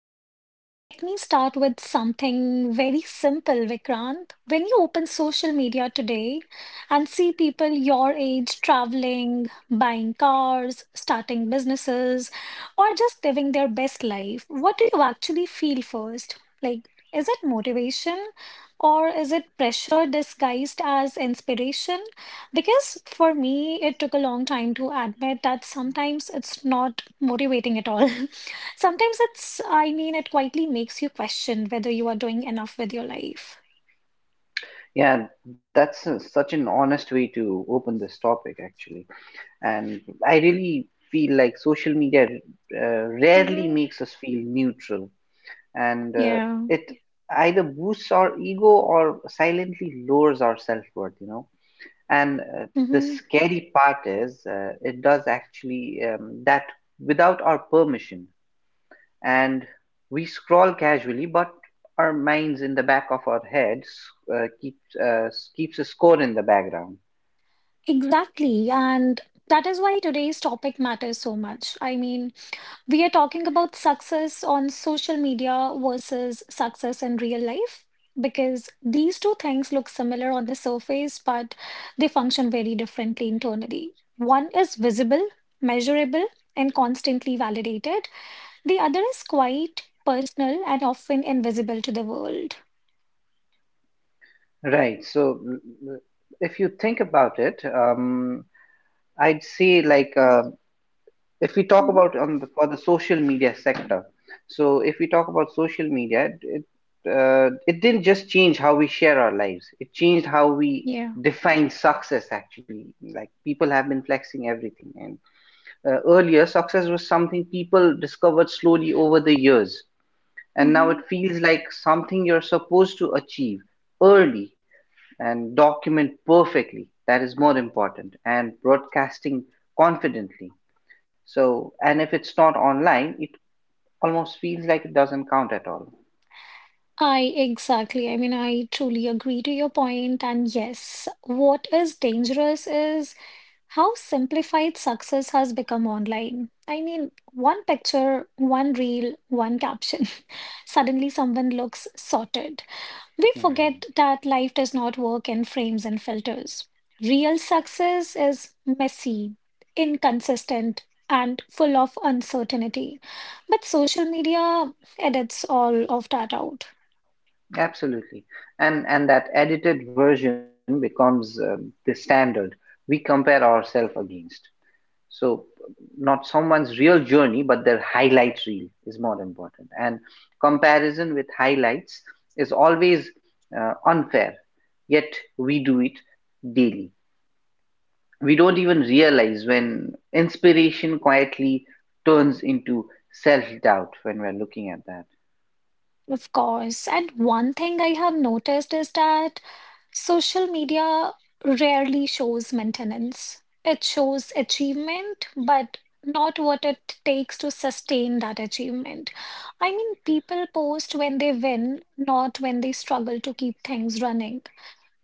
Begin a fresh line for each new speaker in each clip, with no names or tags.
All right, so let me start with something very simple, Vikrant. When you open social media today and see people your age traveling, buying cars, starting businesses, or just living their best life, what do you actually feel first? Like, is it motivation or is it pressure disguised as inspiration? Because for me, it took a long time to admit that sometimes it's not motivating at all. Sometimes it quietly makes you question whether you are doing enough with your life.
Yeah, such an honest way to open this topic, actually. And I really feel like social media rarely
Mm-hmm.
makes us feel neutral, and
Yeah.
it either boosts our ego or silently lowers our self-worth. And the
hmm
scary part is it does actually that without our permission and we scroll casually, but our minds in the back of our heads uh, keeps uh, keeps a score in the background.
Exactly. And that is why today's topic matters so much. I mean, we are talking about success on social media versus success in real life because these two things look similar on the surface, but they function very differently internally. One is visible, measurable, and constantly validated. The other is quite personal and often invisible to the world.
Right. So if you think about it, I'd say like if we talk
hmm
about for the social media sector. So if we talk about social media, it didn't just change how we share our lives. It changed how we
Yeah.
define success. Actually, like people have been flexing everything, and. Earlier, success was something people discovered slowly over the years, and now it
hmm
feels like something you're supposed to achieve early and document perfectly. That is more important, and broadcasting confidently. So, and if it's not online, it almost feels like it doesn't count at all.
I exactly. I mean, I truly agree to your point. And yes, what is dangerous is how simplified success has become online. I mean, one picture, one reel, one caption. Suddenly, someone looks sorted. We
Right.
forget that life does not work in frames and filters. Real success is messy, inconsistent, and full of uncertainty. But social media edits all of that out,
Absolutely. And that edited version becomes the standard we compare ourselves against. So not someone's real journey but their highlight reel is more important and comparison with highlights is always unfair, yet we do it daily. We don't even realize when inspiration quietly turns into self doubt when we're looking at that.
of course. And one thing I have noticed is that social media rarely shows maintenance. It shows achievement, but not what it takes to sustain that achievement. I mean, people post when they win, not when they struggle to keep things running.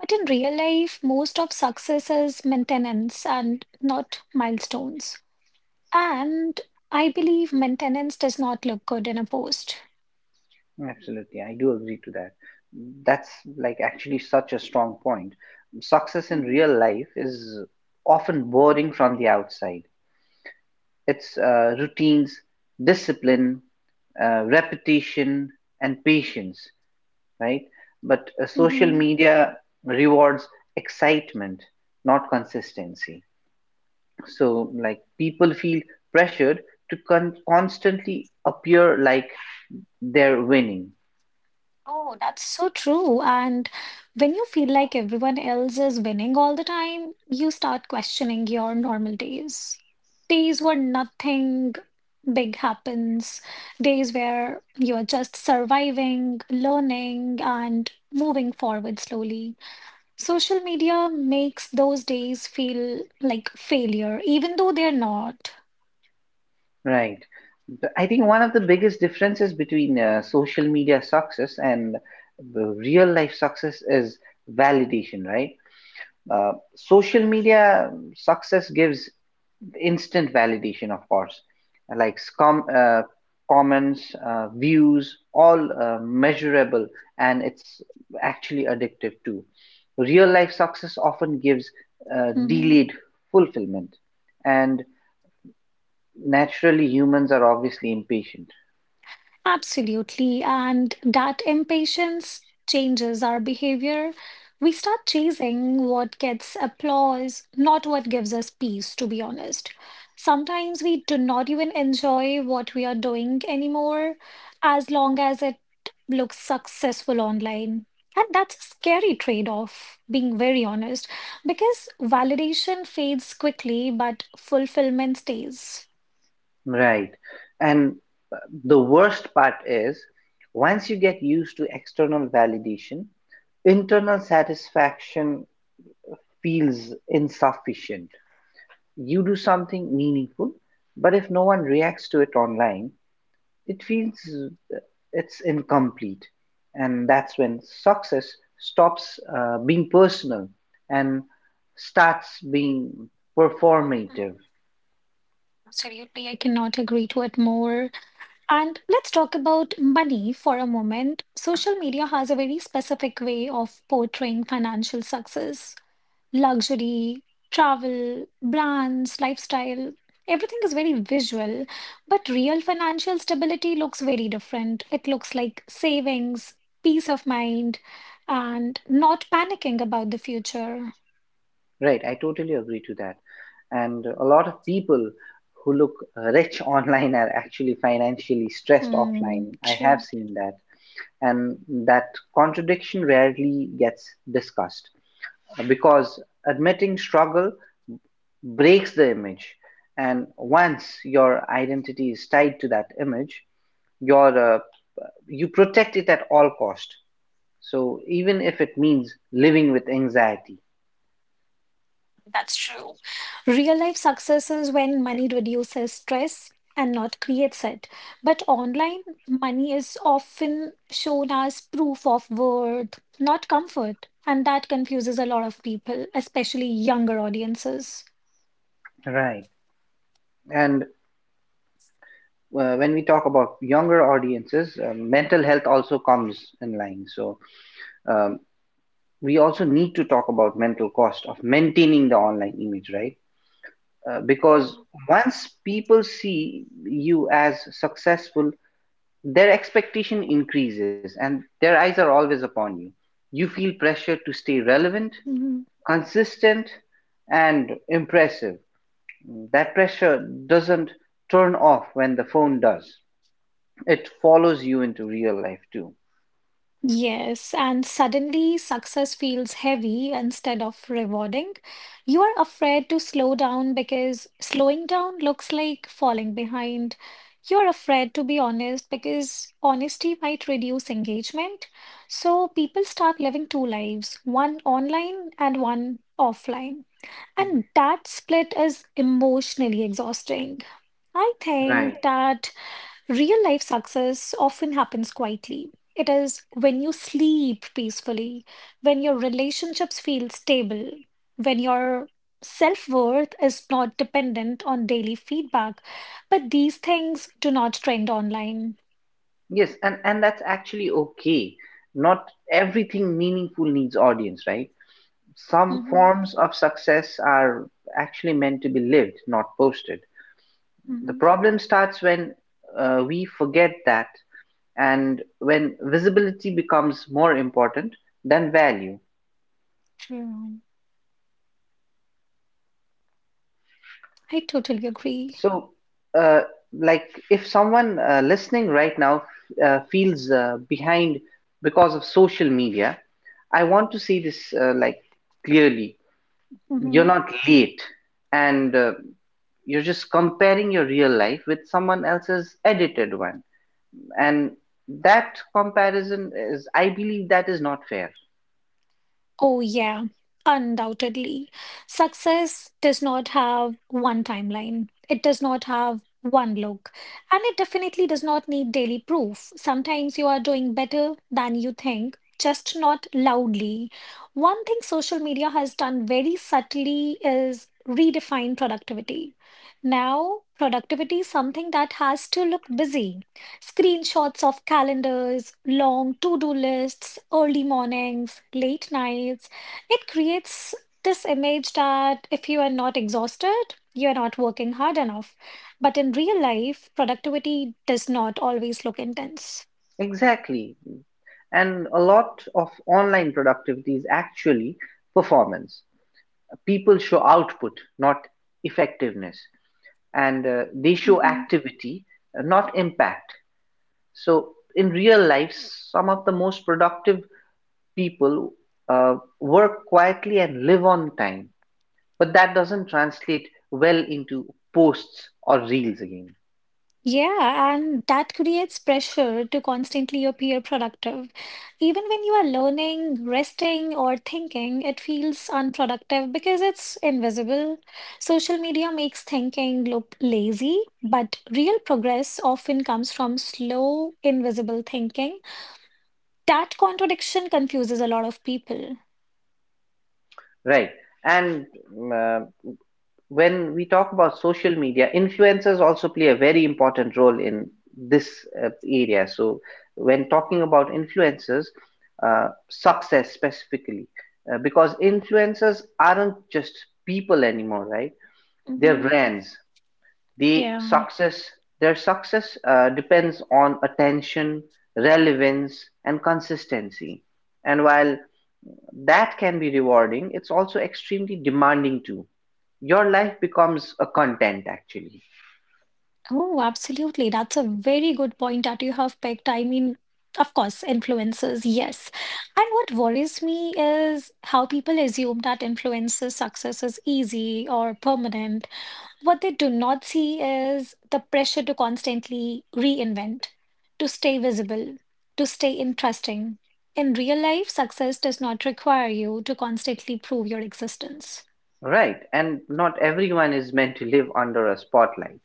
But in real life, most of success is maintenance and not milestones. And I believe maintenance does not look good in a post.
Absolutely, I do agree to that. That's, like, actually such a strong point. Success in
Mhm.
real life is often boring from the outside. Its routines, discipline, repetition, and patience, right? But social
Mhm.
media rewards excitement, not consistency. So, like, people feel pressured to constantly appear like they're winning,
Oh, that's so true. And when you feel like everyone else is winning all the time, you start questioning your normal days. Days where nothing big happens, days where you're just surviving, learning, and moving forward slowly. Social media makes those days feel like failure, even though they're not.
right? I think one of the biggest differences between social media success and the real life success is validation, right? Social media success gives instant validation, of course, like comments, views, all measurable, and it's actually addictive too. Real life success often gives
Mhm.
delayed fulfillment, and naturally, humans are obviously impatient.
Absolutely. And that impatience changes our behavior. We start chasing what gets applause, not what gives us peace, to be honest. Sometimes we do not even enjoy what we are doing anymore, as long as it looks successful online. And that's a scary trade-off, being very honest, because validation fades quickly, but fulfillment stays.
Right. And uh, the worst part is once you get used to external validation, internal satisfaction feels insufficient. You do something meaningful, but if no one reacts to it online, it feels uh, it's incomplete. And that's when success stops being personal and starts being
Mhm.
performative.
Absolutely, I cannot agree to it more. And let's talk about money for a moment. Social media has a very specific way of portraying financial success, luxury, travel, brands, lifestyle. Everything is very visual, but real financial stability looks very different. It looks like savings, peace of mind, and not panicking about the future.
Right, I totally agree to that. And a lot of people who look rich online are actually financially stressed
Hmm,
offline. I have
true.
seen that. And that contradiction rarely gets discussed because admitting struggle breaks the image. And once your identity is tied to that image, your uh, you protect it at all cost. So even if it means living with anxiety,
That's true. Real life success is when money reduces stress and not creates it. But online, money is often shown as proof of worth, not comfort. And that confuses a lot of people, especially younger audiences.
right? And when we talk about younger audiences, mental health also comes in line. So um, we also need to talk about mental cost of maintaining the
Mhm.
online image, right? Because
Yeah.
once people see you as successful, their expectation increases and their eyes are always upon you. You feel pressure to stay relevant,
Mhm.
consistent, and impressive. That pressure doesn't turn off when the phone does. It follows you into real life too.
Yes, and suddenly success feels heavy instead of rewarding. You are afraid to slow down because slowing down looks like falling behind. You're afraid to be honest because honesty might reduce engagement. So people start living two lives, one online and one offline. And that split is emotionally exhausting. I
Right.
think that real life success often happens quietly. It is when you sleep peacefully, when your relationships feel stable, when your self worth is not dependent on daily feedback. But these things do not trend online.
Yes, and that's actually okay. Not everything meaningful needs audience, right? Some
hmm
forms of success are actually meant to be lived, not posted. The
hmm
problem starts when we forget that, and when visibility becomes more important than value.
True. I totally agree.
So, uh, like, if someone listening right now feels behind because of social media, I want to say this, like, clearly. You're not late, and you're just comparing your real life with someone else's edited one, and that comparison is, I believe, that is not fair.
Oh, yeah, undoubtedly. Success does not have one timeline, it does not have one look, and it definitely does not need daily proof. Sometimes you are doing better than you think. Just not loudly. One thing social media has done very subtly is redefine productivity. Now, productivity is something that has to look busy. Screenshots of calendars, long to do lists, early mornings, late nights. It creates this image that if you are not exhausted, you are not working hard enough. But in real life, productivity does not always look intense.
Exactly, and a lot of online productivity is actually performance. People show output, not effectiveness, and
Mhm.
they show activity, not impact. So, in real life, some of the most productive people work quietly and live on time, but that doesn't translate well into posts or reels again,
Yeah, and that creates pressure to constantly appear productive. Even when you are learning, resting, or thinking, it feels unproductive because it's invisible. Social media makes thinking look lazy, but real progress often comes from slow, invisible thinking. That contradiction confuses a lot of people.
right? And uh, when we talk about social media, influencers also play a very important role in this area. So, when talking about influencers, success specifically, because influencers aren't just people anymore, right? They're
hmm
brands. They
Yeah.
success. Their success depends on attention, relevance, and consistency. And while that can be rewarding. It's also extremely demanding too. Your life becomes a content actually.
Oh, absolutely. That's a very good point that you have picked. I mean, of course, influencers, yes. And what worries me is how people assume that influencer success is easy or permanent. What they do not see is the pressure to constantly reinvent, to stay visible, to stay interesting. In real life, success does not require you to constantly prove your existence.
Right. And not everyone is meant to live under a spotlight.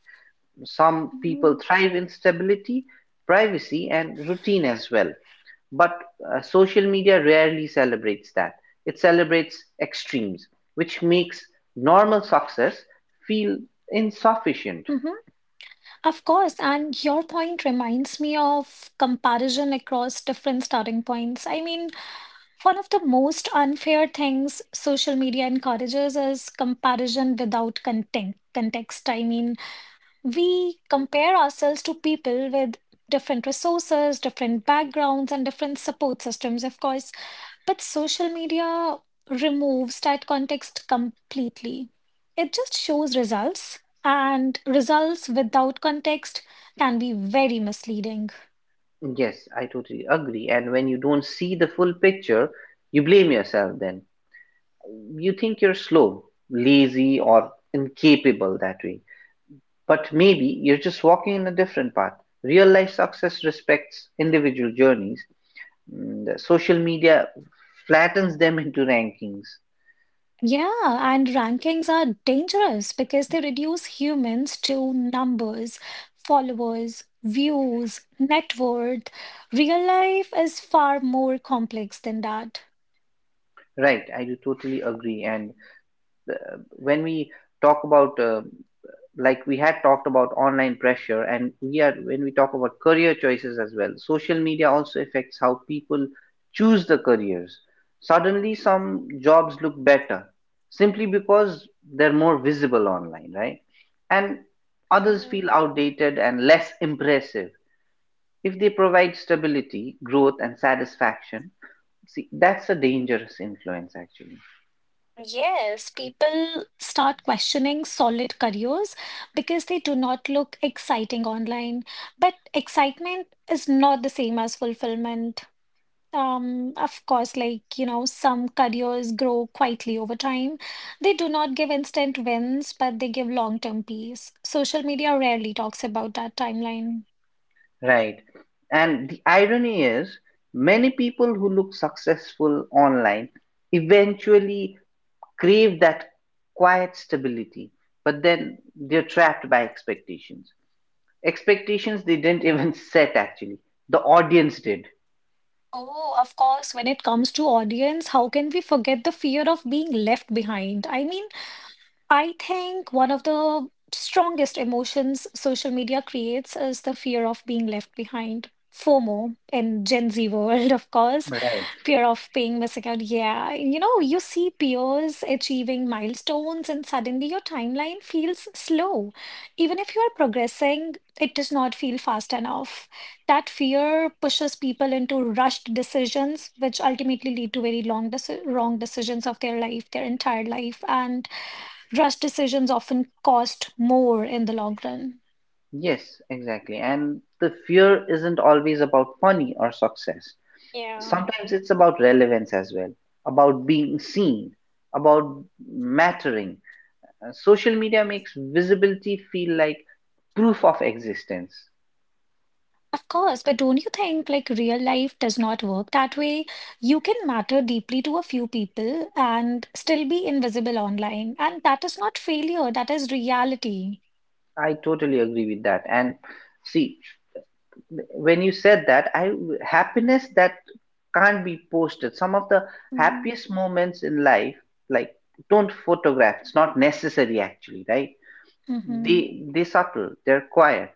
Some people
Mhm.
thrive in stability, privacy, and routine as well. But social media rarely celebrates that. It celebrates extremes, which makes normal success feel insufficient.
Mhm. Of course, and your point reminds me of comparison across different starting points. I mean, one of the most unfair things social media encourages is comparison without context. I mean, we compare ourselves to people with different resources, different backgrounds, and different support systems, of course. But social media removes that context completely. It just shows results, and results without context can be very misleading.
Yes, I totally agree. And when you don't see the full picture, you blame yourself then. You think you're slow, lazy, or incapable that way. But maybe you're just walking in a different path. Real life success respects individual journeys. Mm, the social media flattens them into rankings.
Yeah, and rankings are dangerous because they reduce humans to numbers, followers, views, net worth. Real life is far more complex than that.
Right, I do totally agree. And when we talk about like we had talked about online pressure, and we are when we talk about career choices as well, social media also affects how people choose the careers. Suddenly some jobs look better simply because they're more visible online, right? And others feel
Mhm.
outdated and less impressive if they provide stability, growth and satisfaction. See, that's a dangerous influence actually.
Yes, people start questioning solid careers because they do not look exciting online. But excitement is not the same as fulfillment. Of course, like, you know, some careers grow quietly over time. They do not give instant wins, but they give long-term peace. Social media rarely talks about that timeline.
Right. And the irony is, many people who look successful online eventually crave that quiet stability, but then they're trapped by expectations. Expectations they didn't even set, actually, the audience did.
Oh, of course, when it comes to audience, how can we forget the fear of being left behind? I mean, I think one of the strongest emotions social media creates is the fear of being left behind. FOMO in Gen Z world, of course,
Right.
fear of being missing out. Yeah, you know, you see peers achieving milestones, and suddenly your timeline feels slow. Even if you are progressing, it does not feel fast enough. That fear pushes people into rushed decisions, which ultimately lead to very wrong decisions of their life, their entire life. And rush decisions often cost more in the long run.
Yes, exactly. And the fear isn't always about money or success.
Yeah.
Sometimes it's about relevance as well, about being seen, about mattering. Social media makes visibility feel like proof of existence.
Of course, but don't you think like real life does not work that way? You can matter deeply to a few people and still be invisible online. And that is not failure, that is reality.
I totally agree with that. And see, when you said that, I happiness that can't be posted. Some of the happiest moments in life, like, don't photograph. It's not necessary actually, right?
Mm-hmm.
They subtle, they're quiet,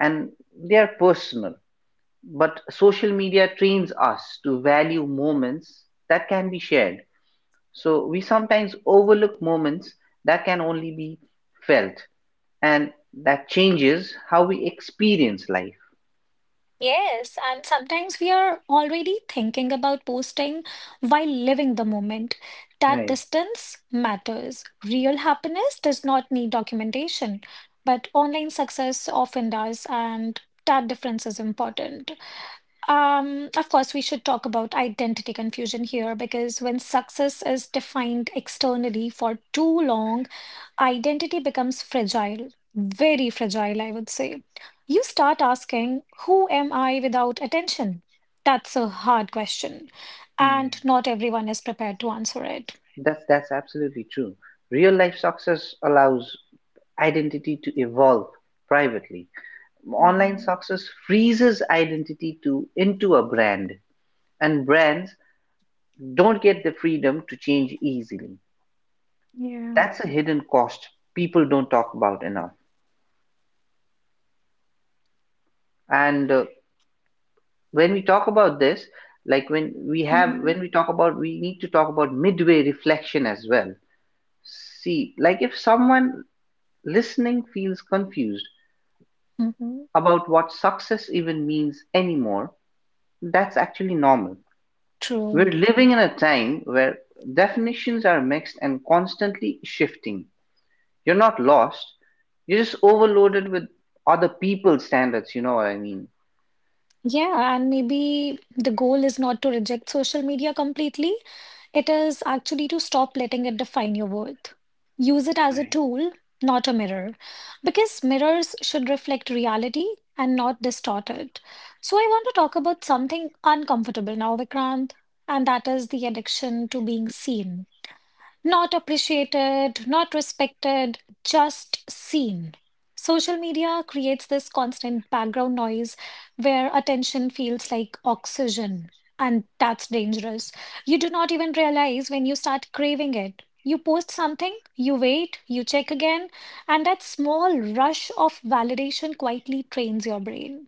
and they're personal. But social media trains us to value moments that can be shared. So we sometimes overlook moments that can only be felt, and that changes how we experience life.
Yes, and sometimes we are already thinking about posting while living the moment. That
Right.
distance matters. Real happiness does not need documentation, but online success often does, and that difference is important. Of course, we should talk about identity confusion here because when success is defined externally for too long, identity becomes fragile, very fragile, I would say. You start asking, who am I without attention? That's a hard question, and
Yeah.
not everyone is prepared to answer it.
That's absolutely true. Real life success allows identity to evolve privately. Online
Mm-hmm.
success freezes identity to into a brand, and brands don't get the freedom to change easily.
Yeah.
That's a hidden cost people don't talk about enough. And when we talk about this,
hmm
when we talk about, we need to talk about midway reflection as well. See, like if someone listening feels confused
hmm
about what success even means anymore, that's actually normal.
True.
We're living in a time where definitions are mixed and constantly shifting. You're not lost, you're just overloaded with other people's standards, you know what I mean.
Yeah, and maybe the goal is not to reject social media completely. It is actually to stop letting it define your worth. Use it as a
Right.
tool, not a mirror, because mirrors should reflect reality and not distort it. So, I want to talk about something uncomfortable now, Vikrant, and that is the addiction to being seen. Not appreciated, not respected, just seen. Social media creates this constant background noise where attention feels like oxygen, and that's dangerous. You do not even realize when you start craving it. You post something, you wait, you check again, and that small rush of validation quietly trains your brain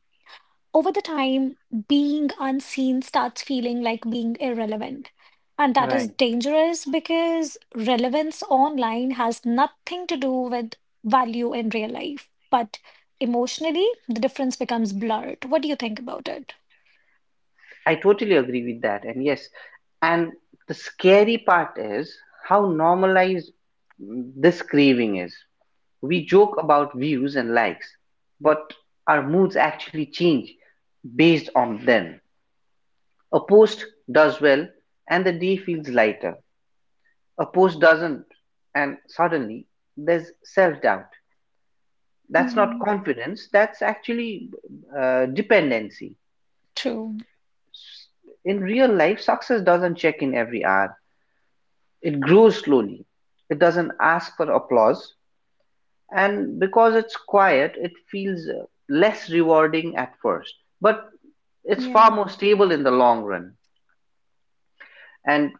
over the time, being unseen starts feeling like being irrelevant. And that is
Right.
dangerous because relevance online has nothing to do with value in real life. But emotionally, the difference becomes blurred. What do you think about it?
I totally agree with that. And yes, and the scary part is how normalized this craving is. We joke about views and likes, but our moods actually change based on them. A post does well and the day feels lighter. A post doesn't, and suddenly there's self doubt. That's not
Mm-hmm.
confidence, that's actually dependency.
True.
In real life, success doesn't check in every hour. It grows slowly, it doesn't ask for applause, and because it's quiet, it feels less rewarding at first, but it's far
Yeah.
more stable in the long run. And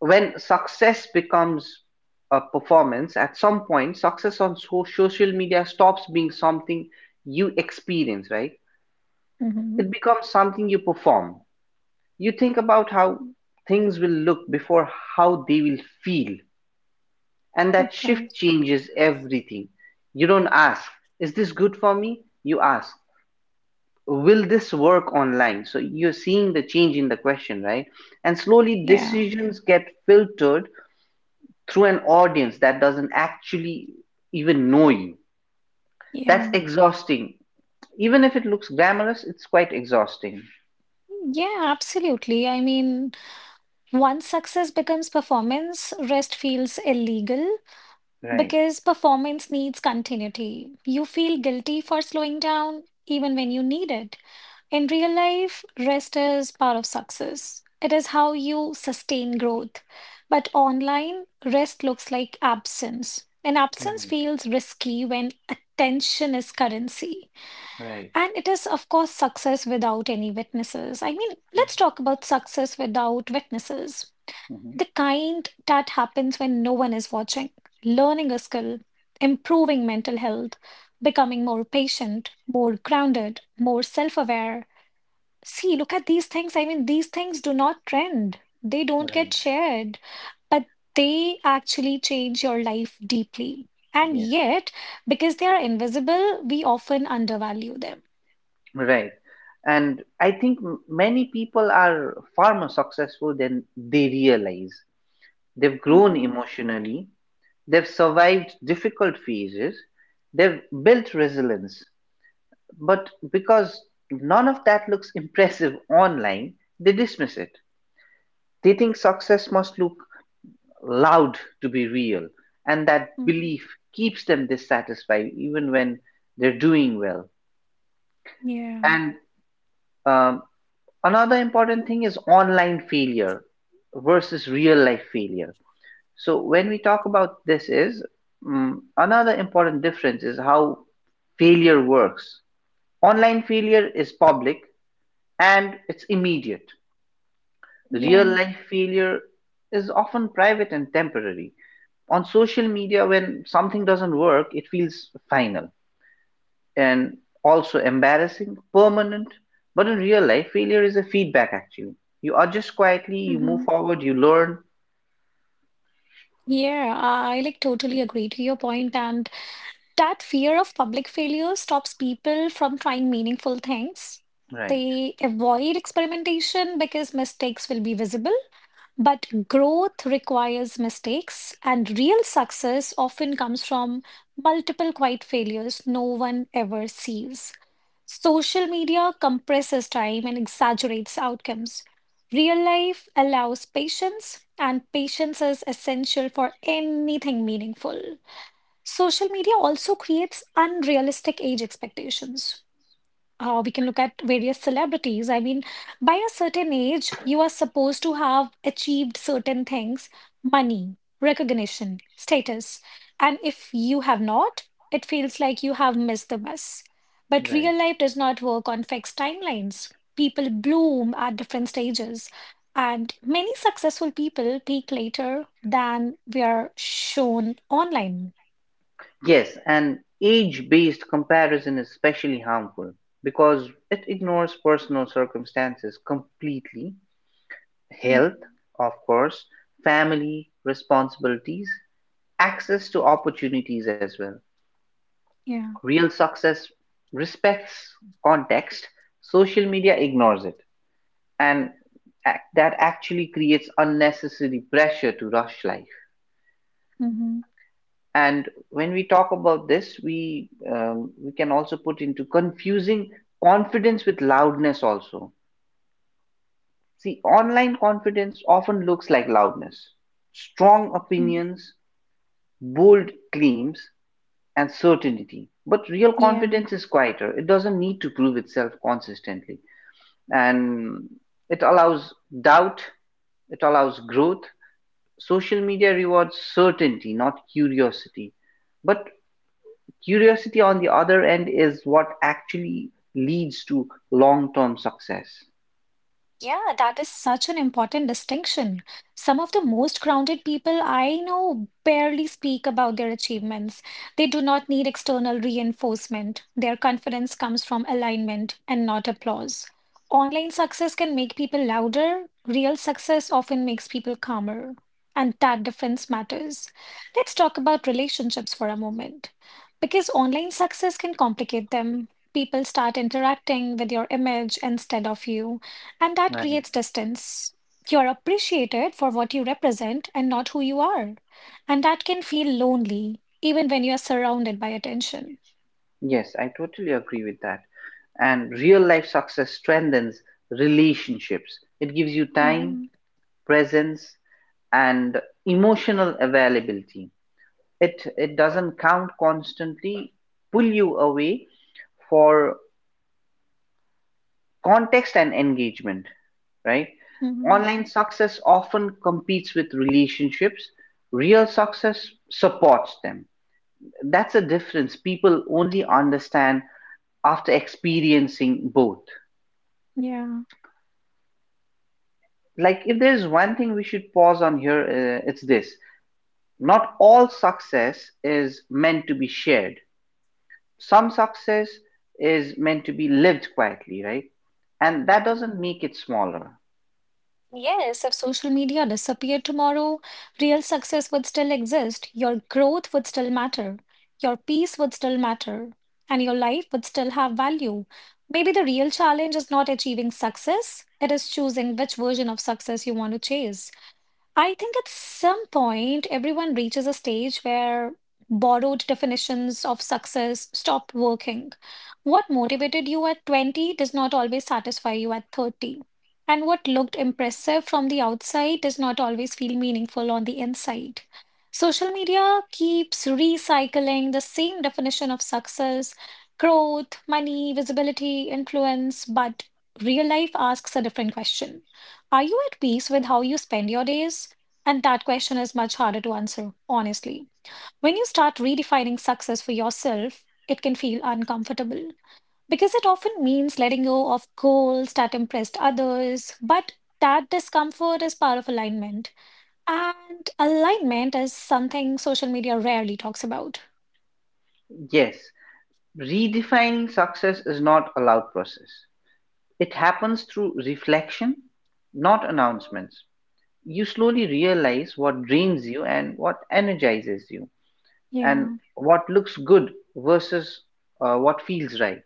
when success becomes a performance, at some point, success on social media stops being something you experience, right?
Mm-hmm.
It becomes something you perform. You think about how things will look before how they will feel. And that
Of
shift
course.
changes everything. You don't ask, is this good for me? You ask, will this work online? So you're seeing the change in the question, right? And slowly
Yeah.
decisions get filtered through an audience that doesn't actually even know you. That's
Yeah.
exhausting. Even if it looks glamorous, it's quite exhausting.
Yeah, absolutely. I mean, once success becomes performance, rest feels illegal.
Right,
Because performance needs continuity. You feel guilty for slowing down even when you need it. In real life, rest is part of success. It is how you sustain growth. But online, rest looks like absence. And absence
right,
feels risky when attention is currency.
right.
And it is, of course, success without any witnesses. I mean, let's talk about success without witnesses.
Mhm.
The kind that happens when no one is watching, learning a skill, improving mental health, becoming more patient, more grounded, more self aware. See, look at these things. I mean, these things do not trend, they don't get
Right,
shared, but they actually change your life deeply. And
yes.
yet, because they are invisible, we often undervalue them.
Right. And I think many people are far more successful than they realize. They've grown
hmm
emotionally, they've survived difficult phases, they've built resilience. But because none of that looks impressive online, they dismiss it. They think success must look loud to be real, and that
hmm
belief keeps them dissatisfied even when they're doing well.
Yeah,
And um, another important thing is online failure versus real life failure. So when we talk about this is another important difference is how failure works. Online failure is public and it's immediate. Real
yeah.
life failure is often private and temporary. On social media when something doesn't work it feels final and also embarrassing, permanent. But in real life, failure is a feedback actually. You adjust quietly, you move
hmm
forward, you learn.
Yeah, I like totally agree to your point, and that fear of public failure stops people from trying meaningful things.
Right,
They avoid experimentation because mistakes will be visible. But growth requires mistakes, and real success often comes from multiple quiet failures no one ever sees. Social media compresses time and exaggerates outcomes. Real life allows patience, and patience is essential for anything meaningful. Social media also creates unrealistic age expectations. We can look at various celebrities. I mean, by a certain age, you are supposed to have achieved certain things money, recognition, status. And if you have not, it feels like you have missed the bus. But
right.
real life does not work on fixed timelines. People bloom at different stages. And many successful people peak later than we are shown online.
Yes, and age based comparison is especially harmful because it ignores personal circumstances completely.
Mhm.
Health, of course, family, responsibilities, access to opportunities as well.
Yeah.
Real success respects context, social media ignores it. and that actually creates unnecessary pressure to rush life.
Mhm.
And when we talk about this, we can also put into confusing confidence with loudness also. See, online confidence often looks like loudness, strong
Mhm.
opinions, bold claims, and certainty. But real
Yeah.
confidence is quieter, it doesn't need to prove itself consistently, and it allows doubt, it allows growth. Social media rewards certainty, not curiosity. But curiosity, on the other end, is what actually leads to long term success.
Yeah, that is such an important distinction. Some of the most grounded people I know barely speak about their achievements. They do not need external reinforcement. Their confidence comes from alignment and not applause. Online success can make people louder. Real success often makes people calmer. And that difference matters. Let's talk about relationships for a moment. Because online success can complicate them. People start interacting with your image instead of you. And that
Right.
creates distance. You're appreciated for what you represent and not who you are. And that can feel lonely, even when you are surrounded by attention.
Yes, I totally agree with that. And real life success strengthens relationships, it gives you time,
Hmm.
presence, and emotional availability. It doesn't count constantly, pull you away for context and engagement, right?
Hmm.
Online success often competes with relationships. Real success supports them. That's a difference people only understand after experiencing both.
Yeah.
Like, if there's one thing we should pause on here, it's this, not all success is meant to be shared. Some success is meant to be lived quietly, right? And that
Mhm.
doesn't make it smaller.
Yes, if social media disappeared tomorrow, real success would still exist. Your growth would still matter. Your peace would still matter. And your life would still have value. Maybe the real challenge is not achieving success, it is choosing which version of success you want to chase. I think at some point, everyone reaches a stage where borrowed definitions of success stop working. What motivated you at 20 does not always satisfy you at 30. And what looked impressive from the outside does not always feel meaningful on the inside. Social media keeps recycling the same definition of success, growth, money, visibility, influence, but real life asks a different question. Are you at peace with how you spend your days? And that question is much harder to answer, honestly. When you start redefining success for yourself, it can feel uncomfortable because it often means letting go of goals that impressed others. But that discomfort is part of alignment. And alignment is something social media rarely talks about.
Yes, redefining success is not a loud process. It happens through reflection, not
Mhm.
announcements. You slowly realize what drains you and what energizes you, and
Yeah.
what looks good versus what feels right.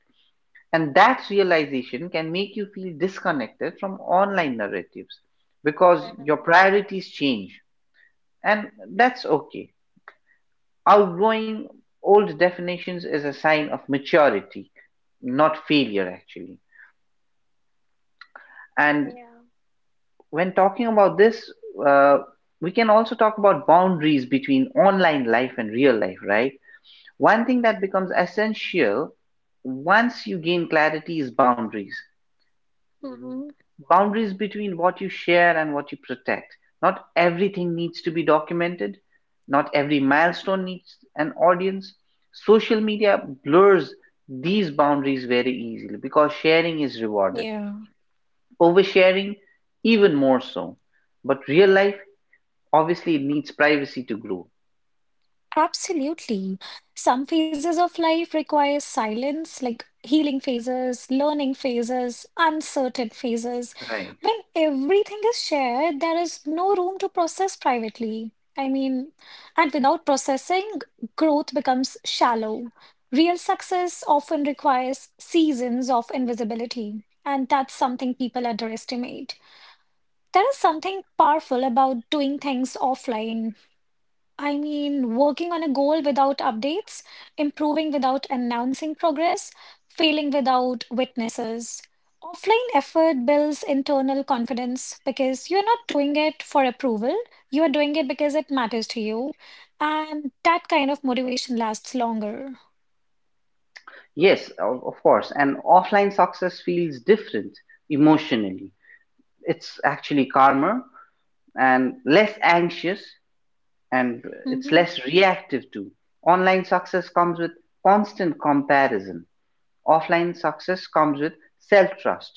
And that realization can make you feel disconnected from online narratives because your
Mhm.
priorities change. And that's okay. Outgrowing old definitions is a sign of maturity, not failure, actually. And
Yeah.
when talking about this, uh, we can also talk about boundaries between online life and real life, right? One thing that becomes essential once you gain clarity is boundaries.
Mhm.
Boundaries between what you share and what you protect. Not everything needs to be documented, not every milestone needs an audience. Social media blurs these boundaries very easily because sharing is rewarded,
Yeah.
oversharing, even more so. But real life, obviously, it needs privacy to grow.
Absolutely. Some phases of life require silence, like healing phases, learning phases, uncertain phases.
Right.
When everything is shared, there is no room to process privately. I mean, and without processing, growth becomes shallow. Real success often requires seasons of invisibility, and that's something people underestimate. There is something powerful about doing things offline. I mean, working on a goal without updates, improving without announcing progress, failing without witnesses. Offline effort builds internal confidence because you're not doing it for approval, you are doing it because it matters to you. And that kind of motivation lasts longer.
Yes, of course. And offline success feels different emotionally, it's actually calmer and less anxious, and it's
Hmm.
less reactive too. Online success comes with constant comparison, offline success comes with self trust,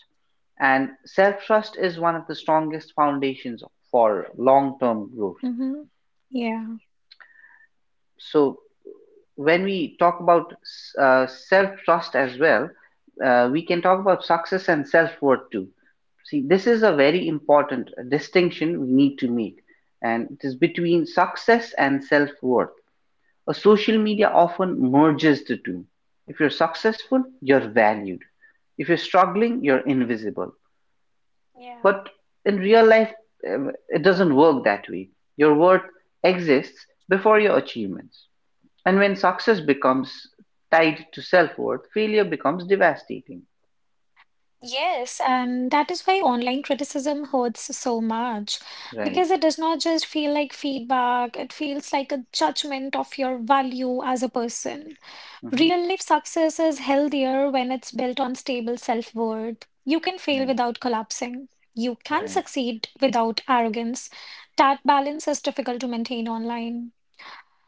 and self trust is one of the strongest foundations for long term growth.
Hmm. Yeah.
So when we talk about self trust as well, we can talk about success and self worth too. See, this is a very important distinction we need to make, and it is between success and self worth. A social media often merges the two. If you're successful, you're valued. If you're struggling, you're invisible. But in real life, it doesn't work that way. Your worth exists before your achievements. And when success becomes tied to self worth, failure becomes devastating.
Yes, and that is why online criticism hurts so much
Right.
because it does not just feel like feedback, it feels like a judgment of your value as a person.
Mhm.
Real life success is healthier when it's built on stable self-worth. You can fail
Right.
without collapsing. You can
Right.
succeed without arrogance. That balance is difficult to maintain online.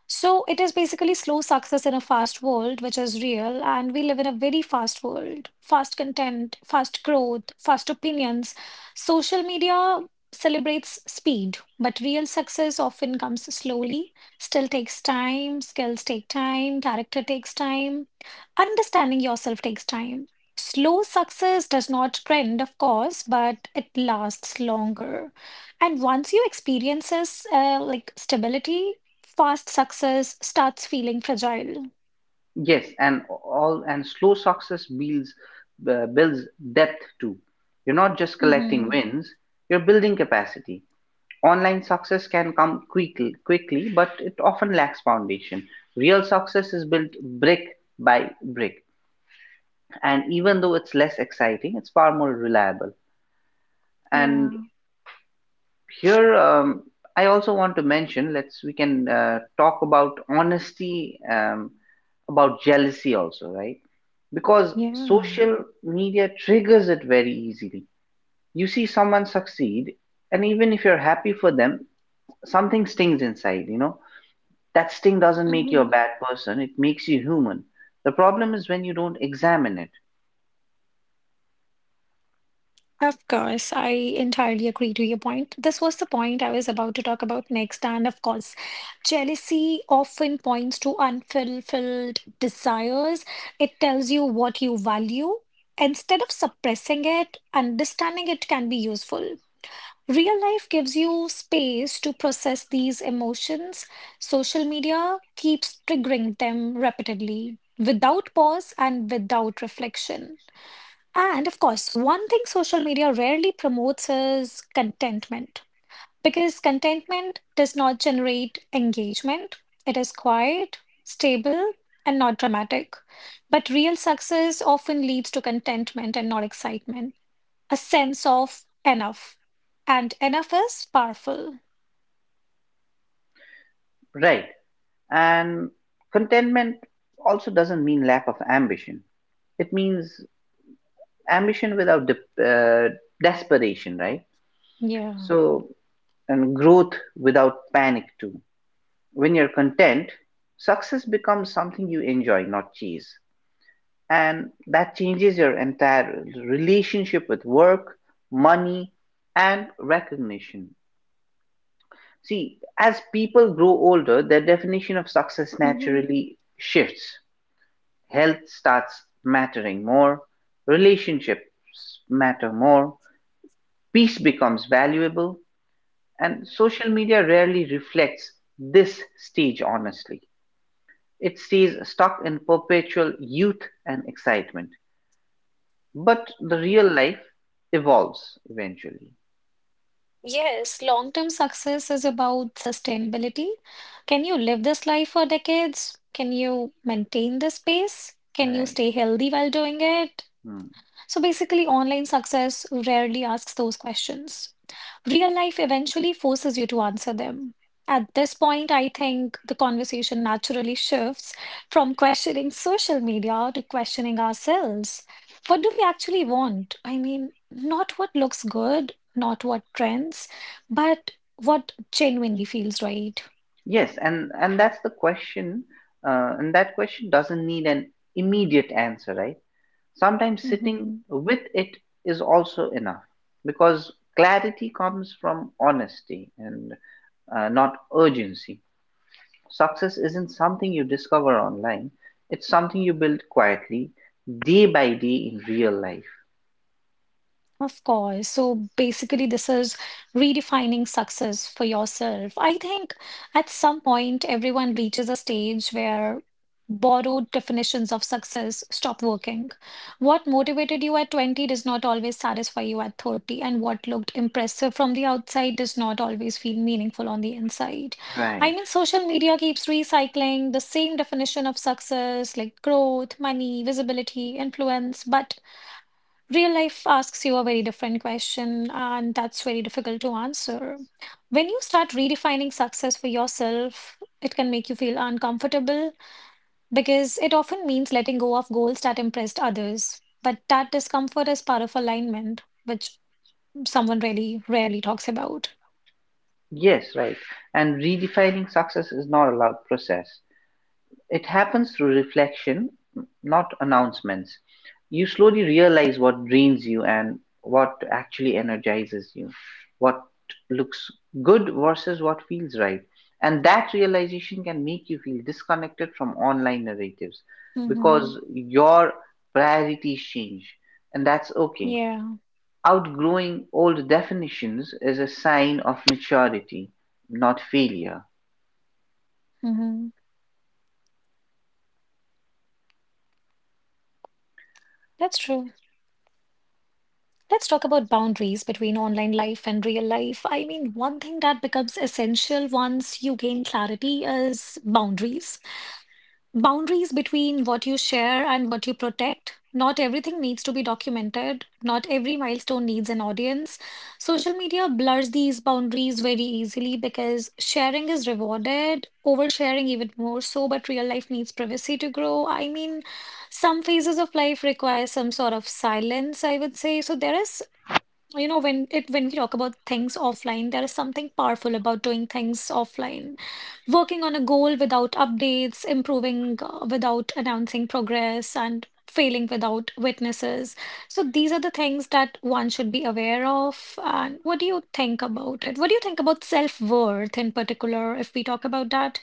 So it is basically slow success in a fast world, which is real, and we live in a very fast world. Fast content, fast growth, fast opinions. Social media celebrates speed, but real success often comes slowly, still takes time, skills take time, character takes time, understanding yourself takes time. Slow success does not trend, of course, but it lasts longer. And once you experiences like stability, fast success starts feeling fragile.
Yes, and slow success builds builds depth too. You're not just collecting
Mm-hmm.
wins; you're building capacity. Online success can come quickly, but it often lacks foundation. Real success is built brick by brick, and even though it's less exciting, it's far more reliable. And
Yeah.
here, I also want to mention, let's, we can talk about honesty, about jealousy also, right? Because
Yeah.
social media triggers it very easily. You see someone succeed, and even if you're happy for them, something stings inside, that sting doesn't make you
Mm-hmm.
a bad person, it makes you human. The problem is when you don't examine it,
Of course, I entirely agree to your point. This was the point I was about to talk about next. And of course, jealousy often points to unfulfilled desires. It tells you what you value. Instead of suppressing it, understanding it can be useful. Real life gives you space to process these emotions. Social media keeps triggering them repeatedly, without pause and without reflection. And of course, one thing social media rarely promotes is contentment, because contentment does not generate engagement. It is quiet, stable, and not dramatic. But real success often leads to contentment and not excitement a sense of enough. And enough is powerful.
right? And contentment also doesn't mean lack of ambition, it means ambition without desperation, right? So,
Yeah.
and growth without panic too. When you're content, success becomes something you enjoy, not chase. And that changes your entire relationship with work, money, and recognition. See, as people grow older, their definition of success
Hmm.
naturally shifts. Health starts mattering more, relationships matter more, peace becomes valuable. And social media rarely reflects this stage honestly. It stays stuck in perpetual youth and excitement. But the
Mhm.
real life evolves eventually.
Yes, long term success is about sustainability. Can you live this life for decades? Can you maintain this pace? Can you
Right.
stay healthy while doing it?
Hmm.
So basically, online success rarely asks those questions. Real life eventually forces you to answer them. At this point, I think the conversation naturally shifts from questioning social media to questioning ourselves. What do we actually want? I mean, not what looks good, not what trends, but what genuinely feels right.
Yes, and that's the question. And that question doesn't need an immediate answer, right? Sometimes sitting
Mhm.
with it is also enough, because clarity comes from honesty and not urgency. Success isn't something you discover online. It's something you build quietly, day by day in real life.
Of course. So basically, this is redefining success for yourself. I think at some point, everyone reaches a stage where borrowed definitions of success stop working. What motivated you at 20 does not always satisfy you at 30, and what looked impressive from the outside does not always feel meaningful on the inside.
Right. Right.
I mean, social media keeps recycling the same definition of success, like growth, money, visibility, influence, but real life asks you a very different question, and that's very difficult to answer. When you start redefining success for yourself, it can make you feel uncomfortable because it often means letting go of goals that impressed others. But that discomfort is part of alignment, which someone really rarely talks about.
Yes, right. And redefining success is not a loud process. It happens through reflection, not announcements. You slowly realize what drains you and what actually energizes you, what looks good versus what feels right. And that realization can make you feel disconnected from online narratives
Hmm.
because your priorities change, and that's okay.
Yeah.
Outgrowing old definitions is a sign of maturity, not failure.
Hmm. That's true. Let's talk about boundaries between online life and real life. I mean, one thing that becomes essential once you gain clarity is boundaries. Boundaries between what you share and what you protect. Not everything needs to be documented. Not every milestone needs an audience. Social media blurs these boundaries very easily because sharing is rewarded, oversharing even more so, but real life needs privacy to grow. I mean, some phases of life require some sort of silence, I would say. So there is, you know, when we talk about things offline, there is something powerful about doing things offline working on a goal without updates, improving without announcing progress, and failing without witnesses. So these are the things that one should be aware of. And what do you think about it? What do you think about self-worth in particular, if we talk about that?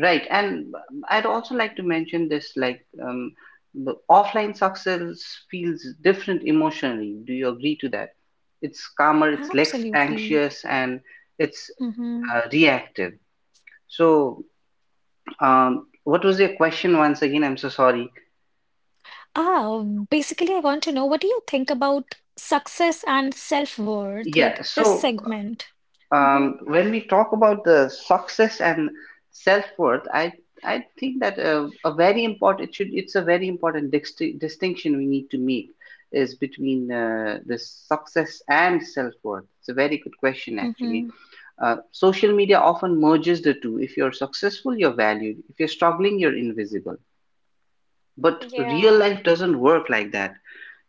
Right, and I'd also like to mention this, like, the offline success feels different emotionally. Do you agree to that? It's calmer, it's less
Absolutely.
anxious, and it's
Mm-hmm.
reactive. So, what was your question once again? I'm so sorry.
Ah, basically, I want to know what do you think about success and self-worth,
Yeah,
like this
so,
segment? Mm-hmm.
When we talk about the success and self-worth, I think that a very important, it's a very important distinction we need to make is between the success and self-worth. It's a very good question actually.
Mm-hmm.
Social media often merges the two. If you're successful, you're valued. If you're struggling, you're invisible. But real
Yeah.
life doesn't work like that.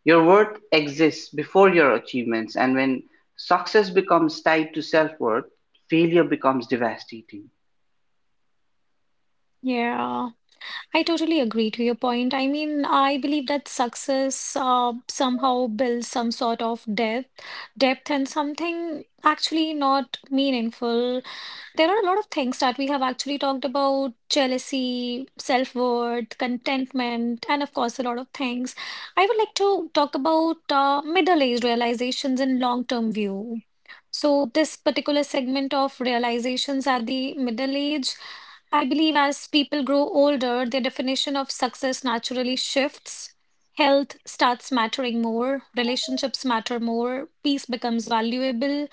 Your worth exists before your achievements, and when success becomes tied to self worth, failure becomes devastating.
Yeah. I totally agree to your point. I mean, I believe that success somehow builds some sort of depth, depth and something actually not meaningful. There are a lot of things that we have actually talked about, jealousy, self-worth, contentment, and of course, a lot of things. I would like to talk about middle-aged realizations in long-term view. So, this particular segment of realizations at the middle age I believe as people grow older, their definition of success naturally shifts. Health starts mattering more, relationships matter more, peace becomes valuable.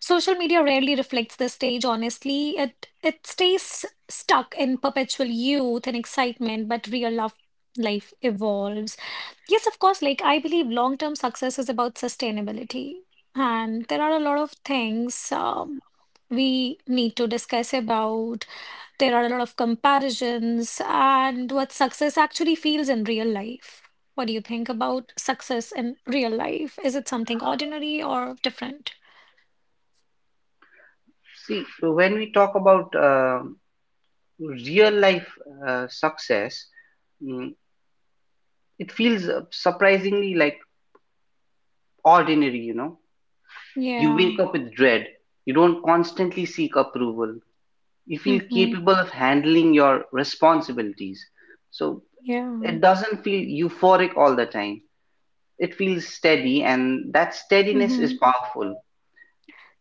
Social media rarely reflects this stage, honestly. It stays stuck in perpetual youth and excitement, but real love, life evolves. Yes, of course, like I believe long term success is about sustainability. And there are a lot of things we need to discuss about there are a lot of comparisons and what success actually feels in real life. What do you think about success in real life? Is it something ordinary or different?
See, so when we talk about real life success, mm, it feels surprisingly like ordinary, you know. You
Yeah.
wake up with dread, you don't constantly seek approval, you feel
Mm-hmm.
capable of handling your responsibilities. So
Yeah.
it doesn't feel euphoric all the time. It feels steady, and that steadiness is
Mm-hmm.
powerful.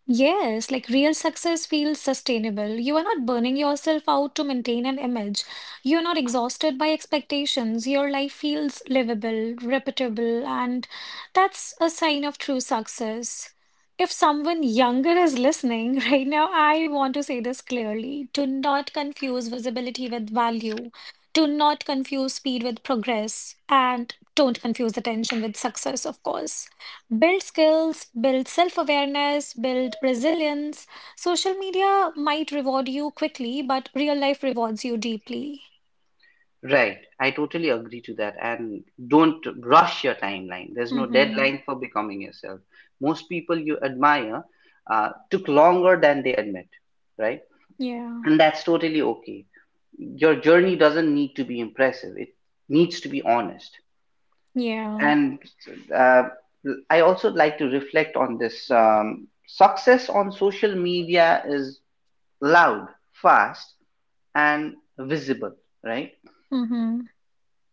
Yes, like real success feels sustainable. You are not burning yourself out to maintain an image. You are not exhausted by expectations. Your life feels livable, repeatable, and that's a sign of true success. If someone younger is listening right now, I want to say this clearly. Do not confuse visibility with value. Do not confuse speed with progress. And don't confuse attention with success, of course build skills, build self-awareness, build resilience. Social media might reward you quickly, but real life rewards you deeply.
Right. I totally agree to that. And don't rush your timeline. There's no
Mm-hmm.
deadline for becoming yourself. Most people you admire took longer than they admit, right?
Yeah.
And that's totally okay. Your journey doesn't need to be impressive, it needs to be honest.
Yeah.
And uh, I also like to reflect on this, success on social media is loud, fast, and visible, right?
Mm-hmm.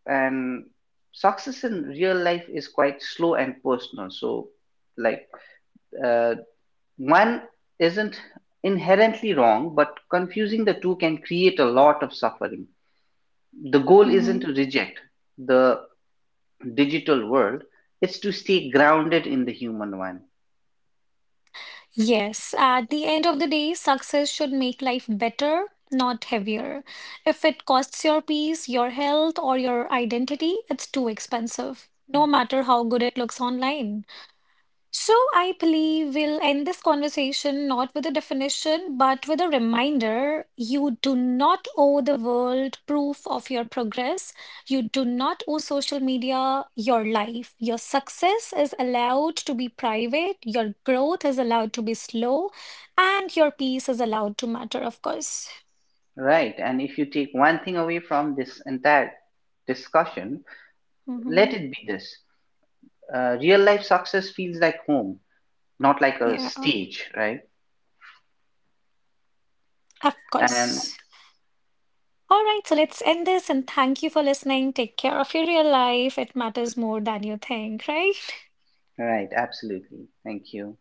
And success in real life is quite slow and personal. So, like, uh, one isn't inherently wrong, but confusing the two can create a lot of suffering. The goal isn't to
Mm-hmm.
reject the digital world, it's to stay grounded in the human one,
Yes. At the end of the day, success should make life better, not heavier. If it costs your peace, your health, or your identity, it's too expensive, no matter how good it looks online. So, I believe we'll end this conversation not with a definition, but with a reminder you do not owe the world proof of your progress. You do not owe social media your life. Your success is allowed to be private, your growth is allowed to be slow, and your peace is allowed to matter, of course.
right? And if you take one thing away from this entire discussion,
Hmm.
let it be this. Real life success feels like home, not like a
Yeah,
stage, right?
of
And
course. All right, so let's end this and thank you for listening. Take care of your real life. It matters more than you think, right?
right, absolutely. Thank you.